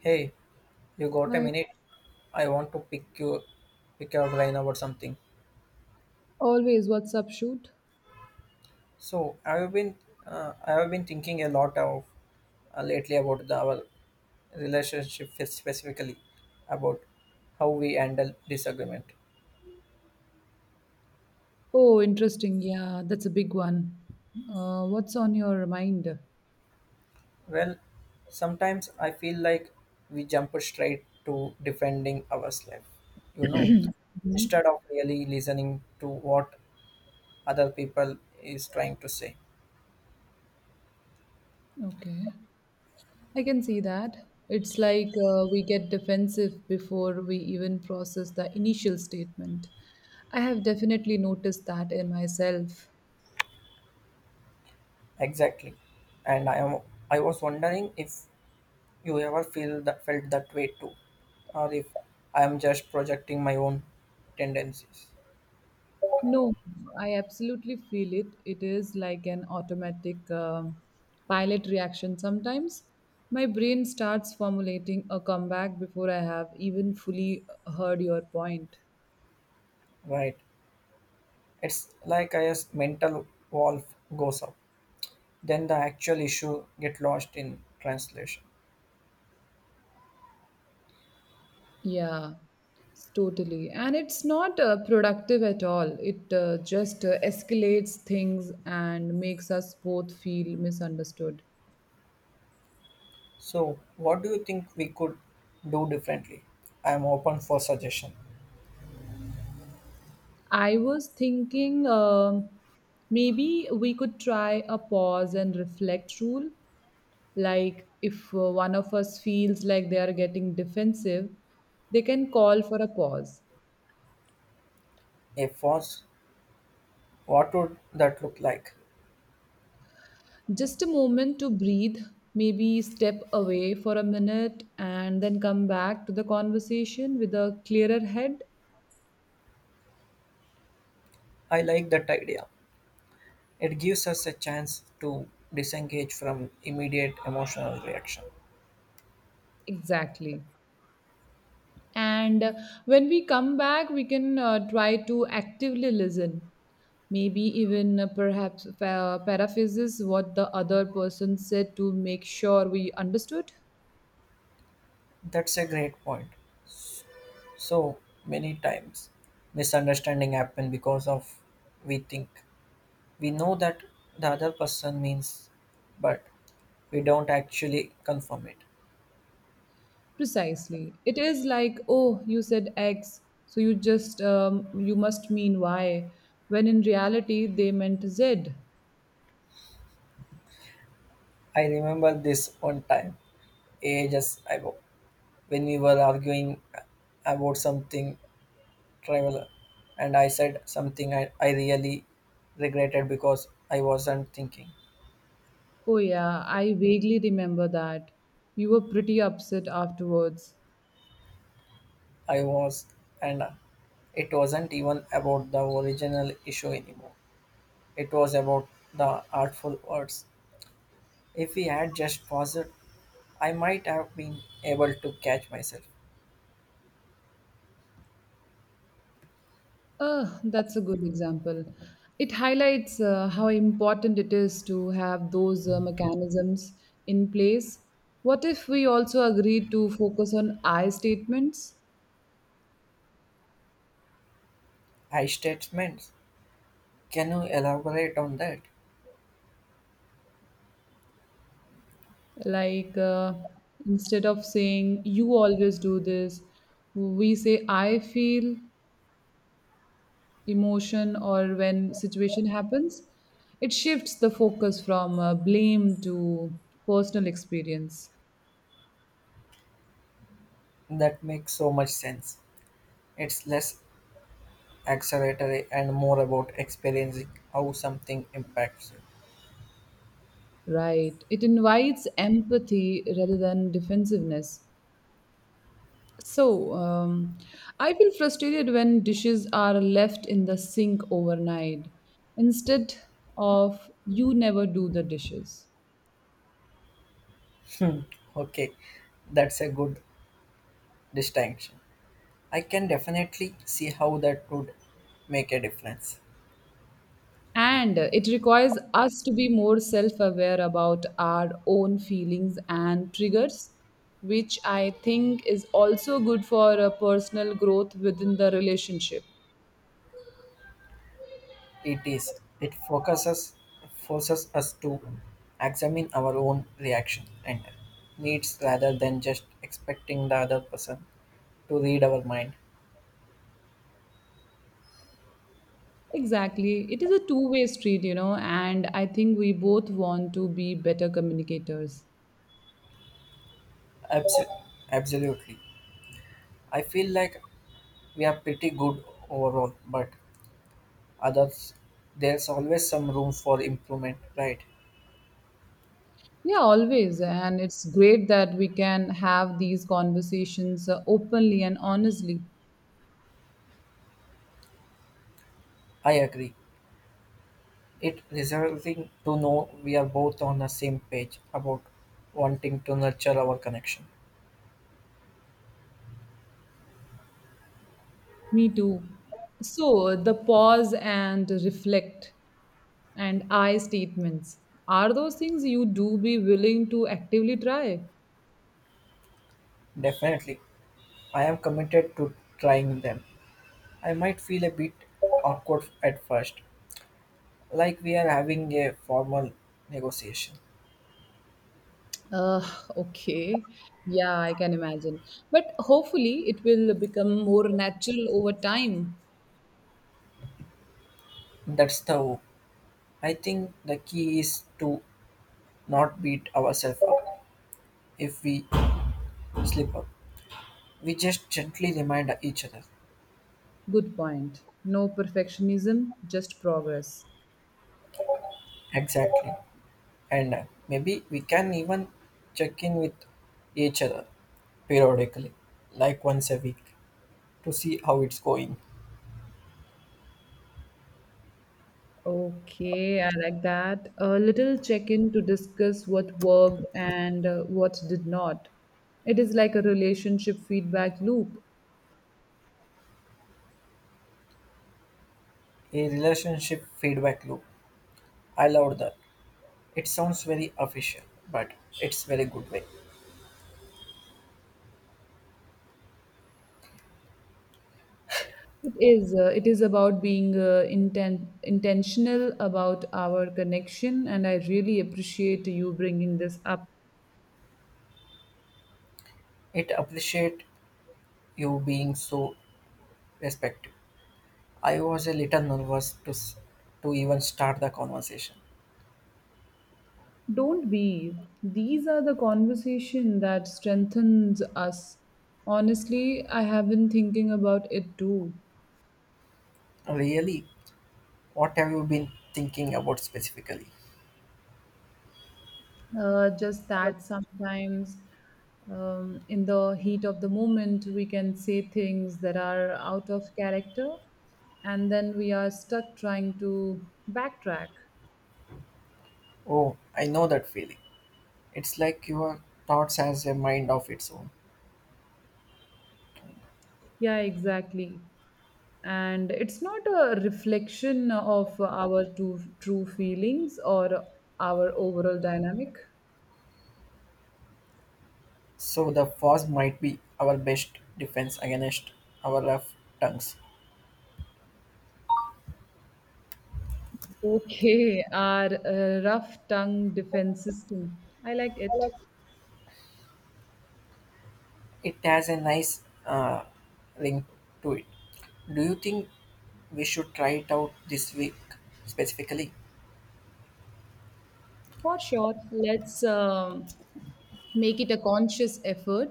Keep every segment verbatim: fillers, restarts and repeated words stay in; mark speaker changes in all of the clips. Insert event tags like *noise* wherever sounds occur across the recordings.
Speaker 1: Hey, you got a
Speaker 2: I
Speaker 1: minute? I want to pick you pick your brain about something.
Speaker 2: always WhatsApp shoot.
Speaker 1: So I've been uh, I've been thinking a lot of uh, lately about the, our relationship spe- specifically about how we handle disagreement.
Speaker 2: Oh, interesting. Yeah, that's a big one. Uh, what's on your mind?
Speaker 1: Well, sometimes I feel like we jump straight to defending ourselves, you know,
Speaker 2: Mhm.
Speaker 1: instead of really listening to what other people is trying to say.
Speaker 2: Okay. I can see that. It's like uh, we get defensive before we even process the initial statement. I have definitely noticed that in myself.
Speaker 1: Exactly. And I am I was wondering if you ever feel that felt that way too, or if I am just projecting my own tendencies.
Speaker 2: No, I absolutely feel it. It is like an automatic uh, pilot reaction sometimes. My brain starts formulating a comeback before I have even fully heard your point.
Speaker 1: Right. It's like a yes, mental wall goes up. Then the actual issue get lost in translation.
Speaker 2: Yeah, totally. And it's not uh, productive at all. It uh, just uh, escalates things and makes us both feel misunderstood.
Speaker 1: So what do you think we could do differently? I am open for suggestion.
Speaker 2: I was thinking um maybe we could try a pause and reflect rule. Like, if uh, one of us feels like they are getting defensive, they can call for a pause.
Speaker 1: If was, what would that look like?
Speaker 2: Just a moment to breathe, maybe step away for a minute and then come back to the conversation with a clearer head.
Speaker 1: I like that idea. It gives us a chance to disengage from immediate emotional reaction.
Speaker 2: Exactly. And uh, when we come back, we can uh, try to actively listen. Maybe even uh, perhaps uh, paraphrases what the other person said to make sure we understood.
Speaker 1: That's a great point. So many times misunderstanding happen because of we think we know that the other person means but we don't actually confirm it.
Speaker 2: Precisely. It is like, oh, you said X, so you just um, you must mean Y, when in reality they meant Z.
Speaker 1: I remember this one time ages ago when we were arguing about something trivial and I said something I, I really regretted because I wasn't thinking.
Speaker 2: Oh yeah, I vaguely remember that. You were pretty upset afterwards.
Speaker 1: I was, and it wasn't even about the original issue anymore. It was about the artful words. If he had just paused, I might have been able to catch myself.
Speaker 2: Uh, that's a good example. It highlights uh, how important it is to have those uh, mechanisms in place. What if we also agreed to focus on I statements?
Speaker 1: I statements. Can you elaborate on that?
Speaker 2: Like uh, instead of saying you always do this, we say I feel emotion or when situation happens, it shifts the focus from uh, blame to personal experience.
Speaker 1: That makes so much sense. It's less acceleratory and more about experiencing how something impacts you.
Speaker 2: Right. It invites empathy rather than defensiveness. So, um, I feel frustrated when dishes are left in the sink overnight instead of you never do the dishes.
Speaker 1: Okay, that's a good distinction. I can definitely see how that would make a difference.
Speaker 2: And it requires us to be more self aware about our own feelings and triggers, which I think is also good for a personal growth within the relationship.
Speaker 1: It is. It focuses Forces us to examine our own reaction and needs rather than just expecting the other person to read our mind.
Speaker 2: Exactly. It is a two way street, you know, and I think we both want to be better communicators.
Speaker 1: Abs- Absolutely. I feel like we are pretty good overall, but others there's always some room for improvement, right?
Speaker 2: Yeah, always. And it's great that we can have these conversations uh, openly and honestly.
Speaker 1: I agree. It reserving to know we are both on the same page about wanting to nurture our connection.
Speaker 2: Me too. So, the pause and reflect. And I statements. Are those things you do be willing to actively try?
Speaker 1: Definitely. I am committed to trying them. I might feel a bit awkward at first, like we are having a formal negotiation.
Speaker 2: Uh, okay. Yeah, I can imagine. But hopefully it will become more natural over time.
Speaker 1: That's the hope. I think the key is to not beat ourselves up if we slip up. We just gently remind each other.
Speaker 2: Good point. No perfectionism, just progress.
Speaker 1: Exactly. And uh, maybe we can even check in with each other periodically, like once a week, to see how it's going.
Speaker 2: Okay, I like that. A little check in to discuss what worked and uh, what did not. It is like a relationship feedback loop.
Speaker 1: A relationship feedback loop. I love that. It sounds very official, but it's very good way.
Speaker 2: It is. Uh, it is about being uh, inten- intentional about our connection, and I really appreciate you bringing this up.
Speaker 1: It appreciate you being so respectful. I was a little nervous to s- to even start the conversation.
Speaker 2: Don't be. These are the conversation that strengthens us. Honestly, I have been thinking about it too.
Speaker 1: Really, what have you been thinking about specifically?
Speaker 2: Uh, just that sometimes, um, in the heat of the moment, we can say things that are out of character, and then we are stuck trying to backtrack.
Speaker 1: Oh, I know that feeling. It's like your thoughts has a mind of its own.
Speaker 2: Yeah, exactly. And it's not a reflection of our true, true feelings or our overall dynamic.
Speaker 1: So the first might be our best defense against our rough tongues.
Speaker 2: Okay, *laughs* our uh, rough tongue defense system. I like it.
Speaker 1: It has a nice uh, ring to it. Do you think we should try it out this week specifically?
Speaker 2: For sure, let's um, make it a conscious effort.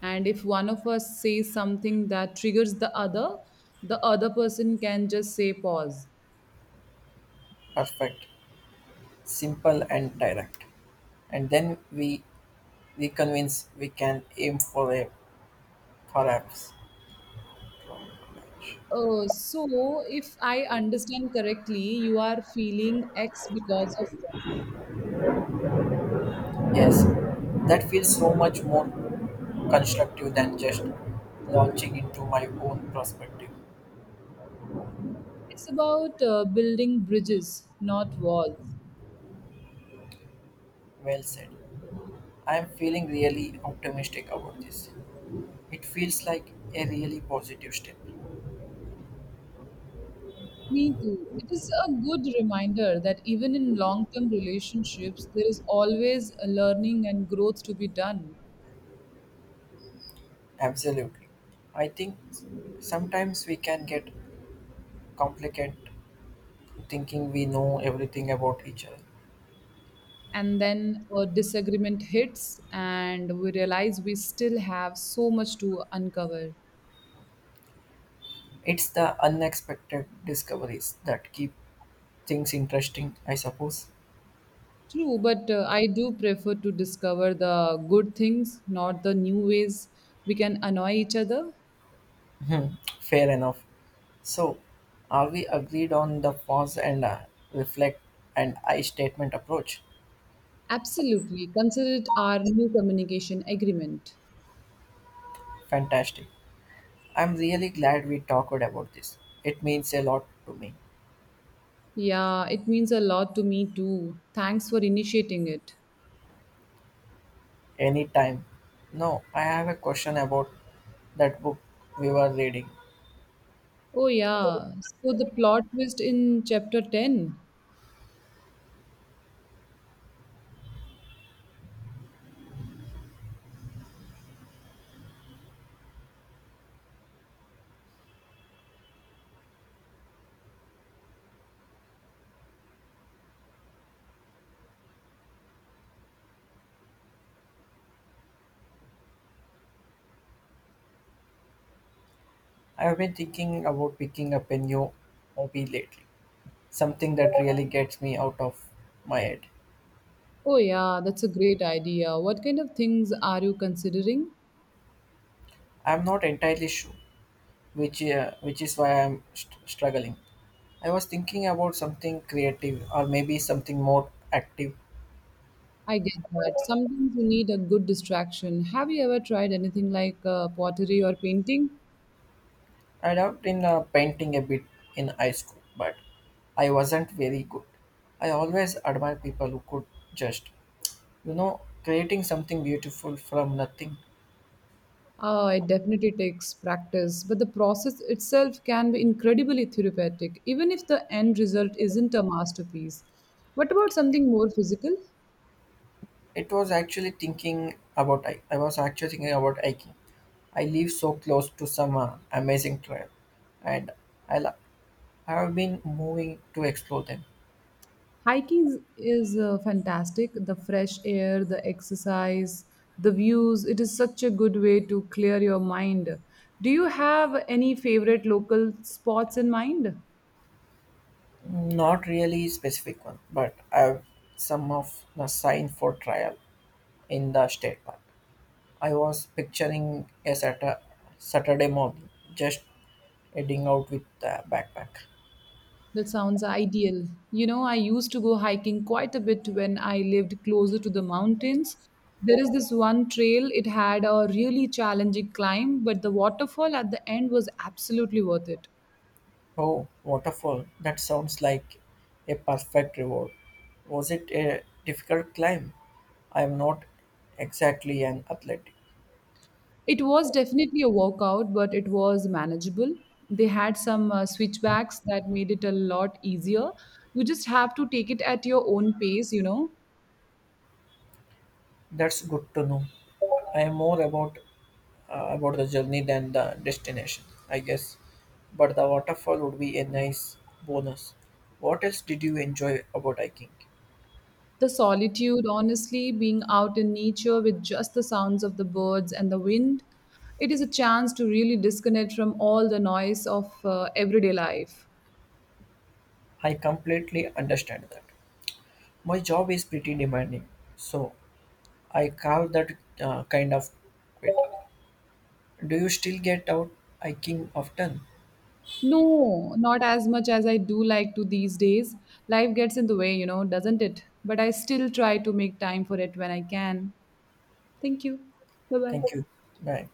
Speaker 2: And if one of us says something that triggers the other, the other person can just say pause.
Speaker 1: Perfect. Simple and direct. And then we we convince we can aim for a perhaps.
Speaker 2: Oh, so if I understand correctly, you are feeling X because of that.
Speaker 1: Yes, that feels so much more constructive than just launching into my own perspective.
Speaker 2: It's about uh, building bridges, not walls.
Speaker 1: Well said. I am feeling really optimistic about this. It feels like a really positive step.
Speaker 2: Me too. It is a good reminder that even in long term relationships, there is always a learning and growth to be done.
Speaker 1: Absolutely. I think sometimes we can get complicated thinking we know everything about each other.
Speaker 2: And then a disagreement hits, and we realize we still have so much to uncover.
Speaker 1: It's the unexpected discoveries that keep things interesting, I suppose.
Speaker 2: True, but uh, I do prefer to discover the good things, not the new ways we can annoy each other.
Speaker 1: Hmm, fair enough. So, are we agreed on the pause and uh, reflect and I statement approach?
Speaker 2: Absolutely. Consider it our new communication agreement.
Speaker 1: Fantastic. I'm really glad we talked about this. It means a lot to me.
Speaker 2: Yeah, it means a lot to me too. Thanks for initiating it.
Speaker 1: Anytime. No, I have a question about that book we were reading.
Speaker 2: Oh, yeah. So the plot twist in chapter ten.
Speaker 1: I've been thinking about picking up a new hobby lately, something that really gets me out of my head.
Speaker 2: Oh, yeah, that's a great idea. What kind of things are you considering?
Speaker 1: I'm not entirely sure, which uh, which is why I'm st- struggling. I was thinking about something creative or maybe something more active.
Speaker 2: I get that. Sometimes you need a good distraction. Have you ever tried anything like uh, pottery or painting?
Speaker 1: I dabbled in uh, painting a bit in high school, but I wasn't very good. I always admire people who could just, you know, creating something beautiful from nothing.
Speaker 2: Uh, it definitely takes practice, but the process itself can be incredibly therapeutic, even if the end result isn't a masterpiece. What about something more physical?
Speaker 1: It was actually thinking about I, I was actually thinking about hiking. I live so close to some uh, amazing trail, and I, lo- I have been moving to explore them.
Speaker 2: Hiking is is, uh, fantastic. The fresh air, the exercise, the views, it is such a good way to clear your mind. Do you have any favorite local spots in mind?
Speaker 1: Not really specific one, but I've some of the sign for trial in the state park. I was picturing a Saturday, Saturday morning, just heading out with the backpack.
Speaker 2: That sounds ideal. You know, I used to go hiking quite a bit when I lived closer to the mountains. There is this one trail, it had a really challenging climb, but the waterfall at the end was absolutely worth it.
Speaker 1: Oh, waterfall! That sounds like a perfect reward. Was it a difficult climb? I am not exactly an athlete.
Speaker 2: It was definitely a workout, but it was manageable. They had some uh, switchbacks that made it a lot easier. You just have to take it at your own pace, you know.
Speaker 1: That's good to know. I am more about uh, about the journey than the destination, I guess. But the waterfall would be a nice bonus. What else did you enjoy about hiking?
Speaker 2: The solitude, honestly, being out in nature with just the sounds of the birds and the wind, it is a chance to really disconnect from all the noise of uh, everyday life.
Speaker 1: I completely understand that. My job is pretty demanding, so I carve that uh, kind of quit. Do you still get out hiking often?
Speaker 2: No, not as much as I do like to these days. Life gets in the way, you know, doesn't it? But I still try to make time for it when I can. Thank you. Bye bye.
Speaker 1: Thank you. Bye.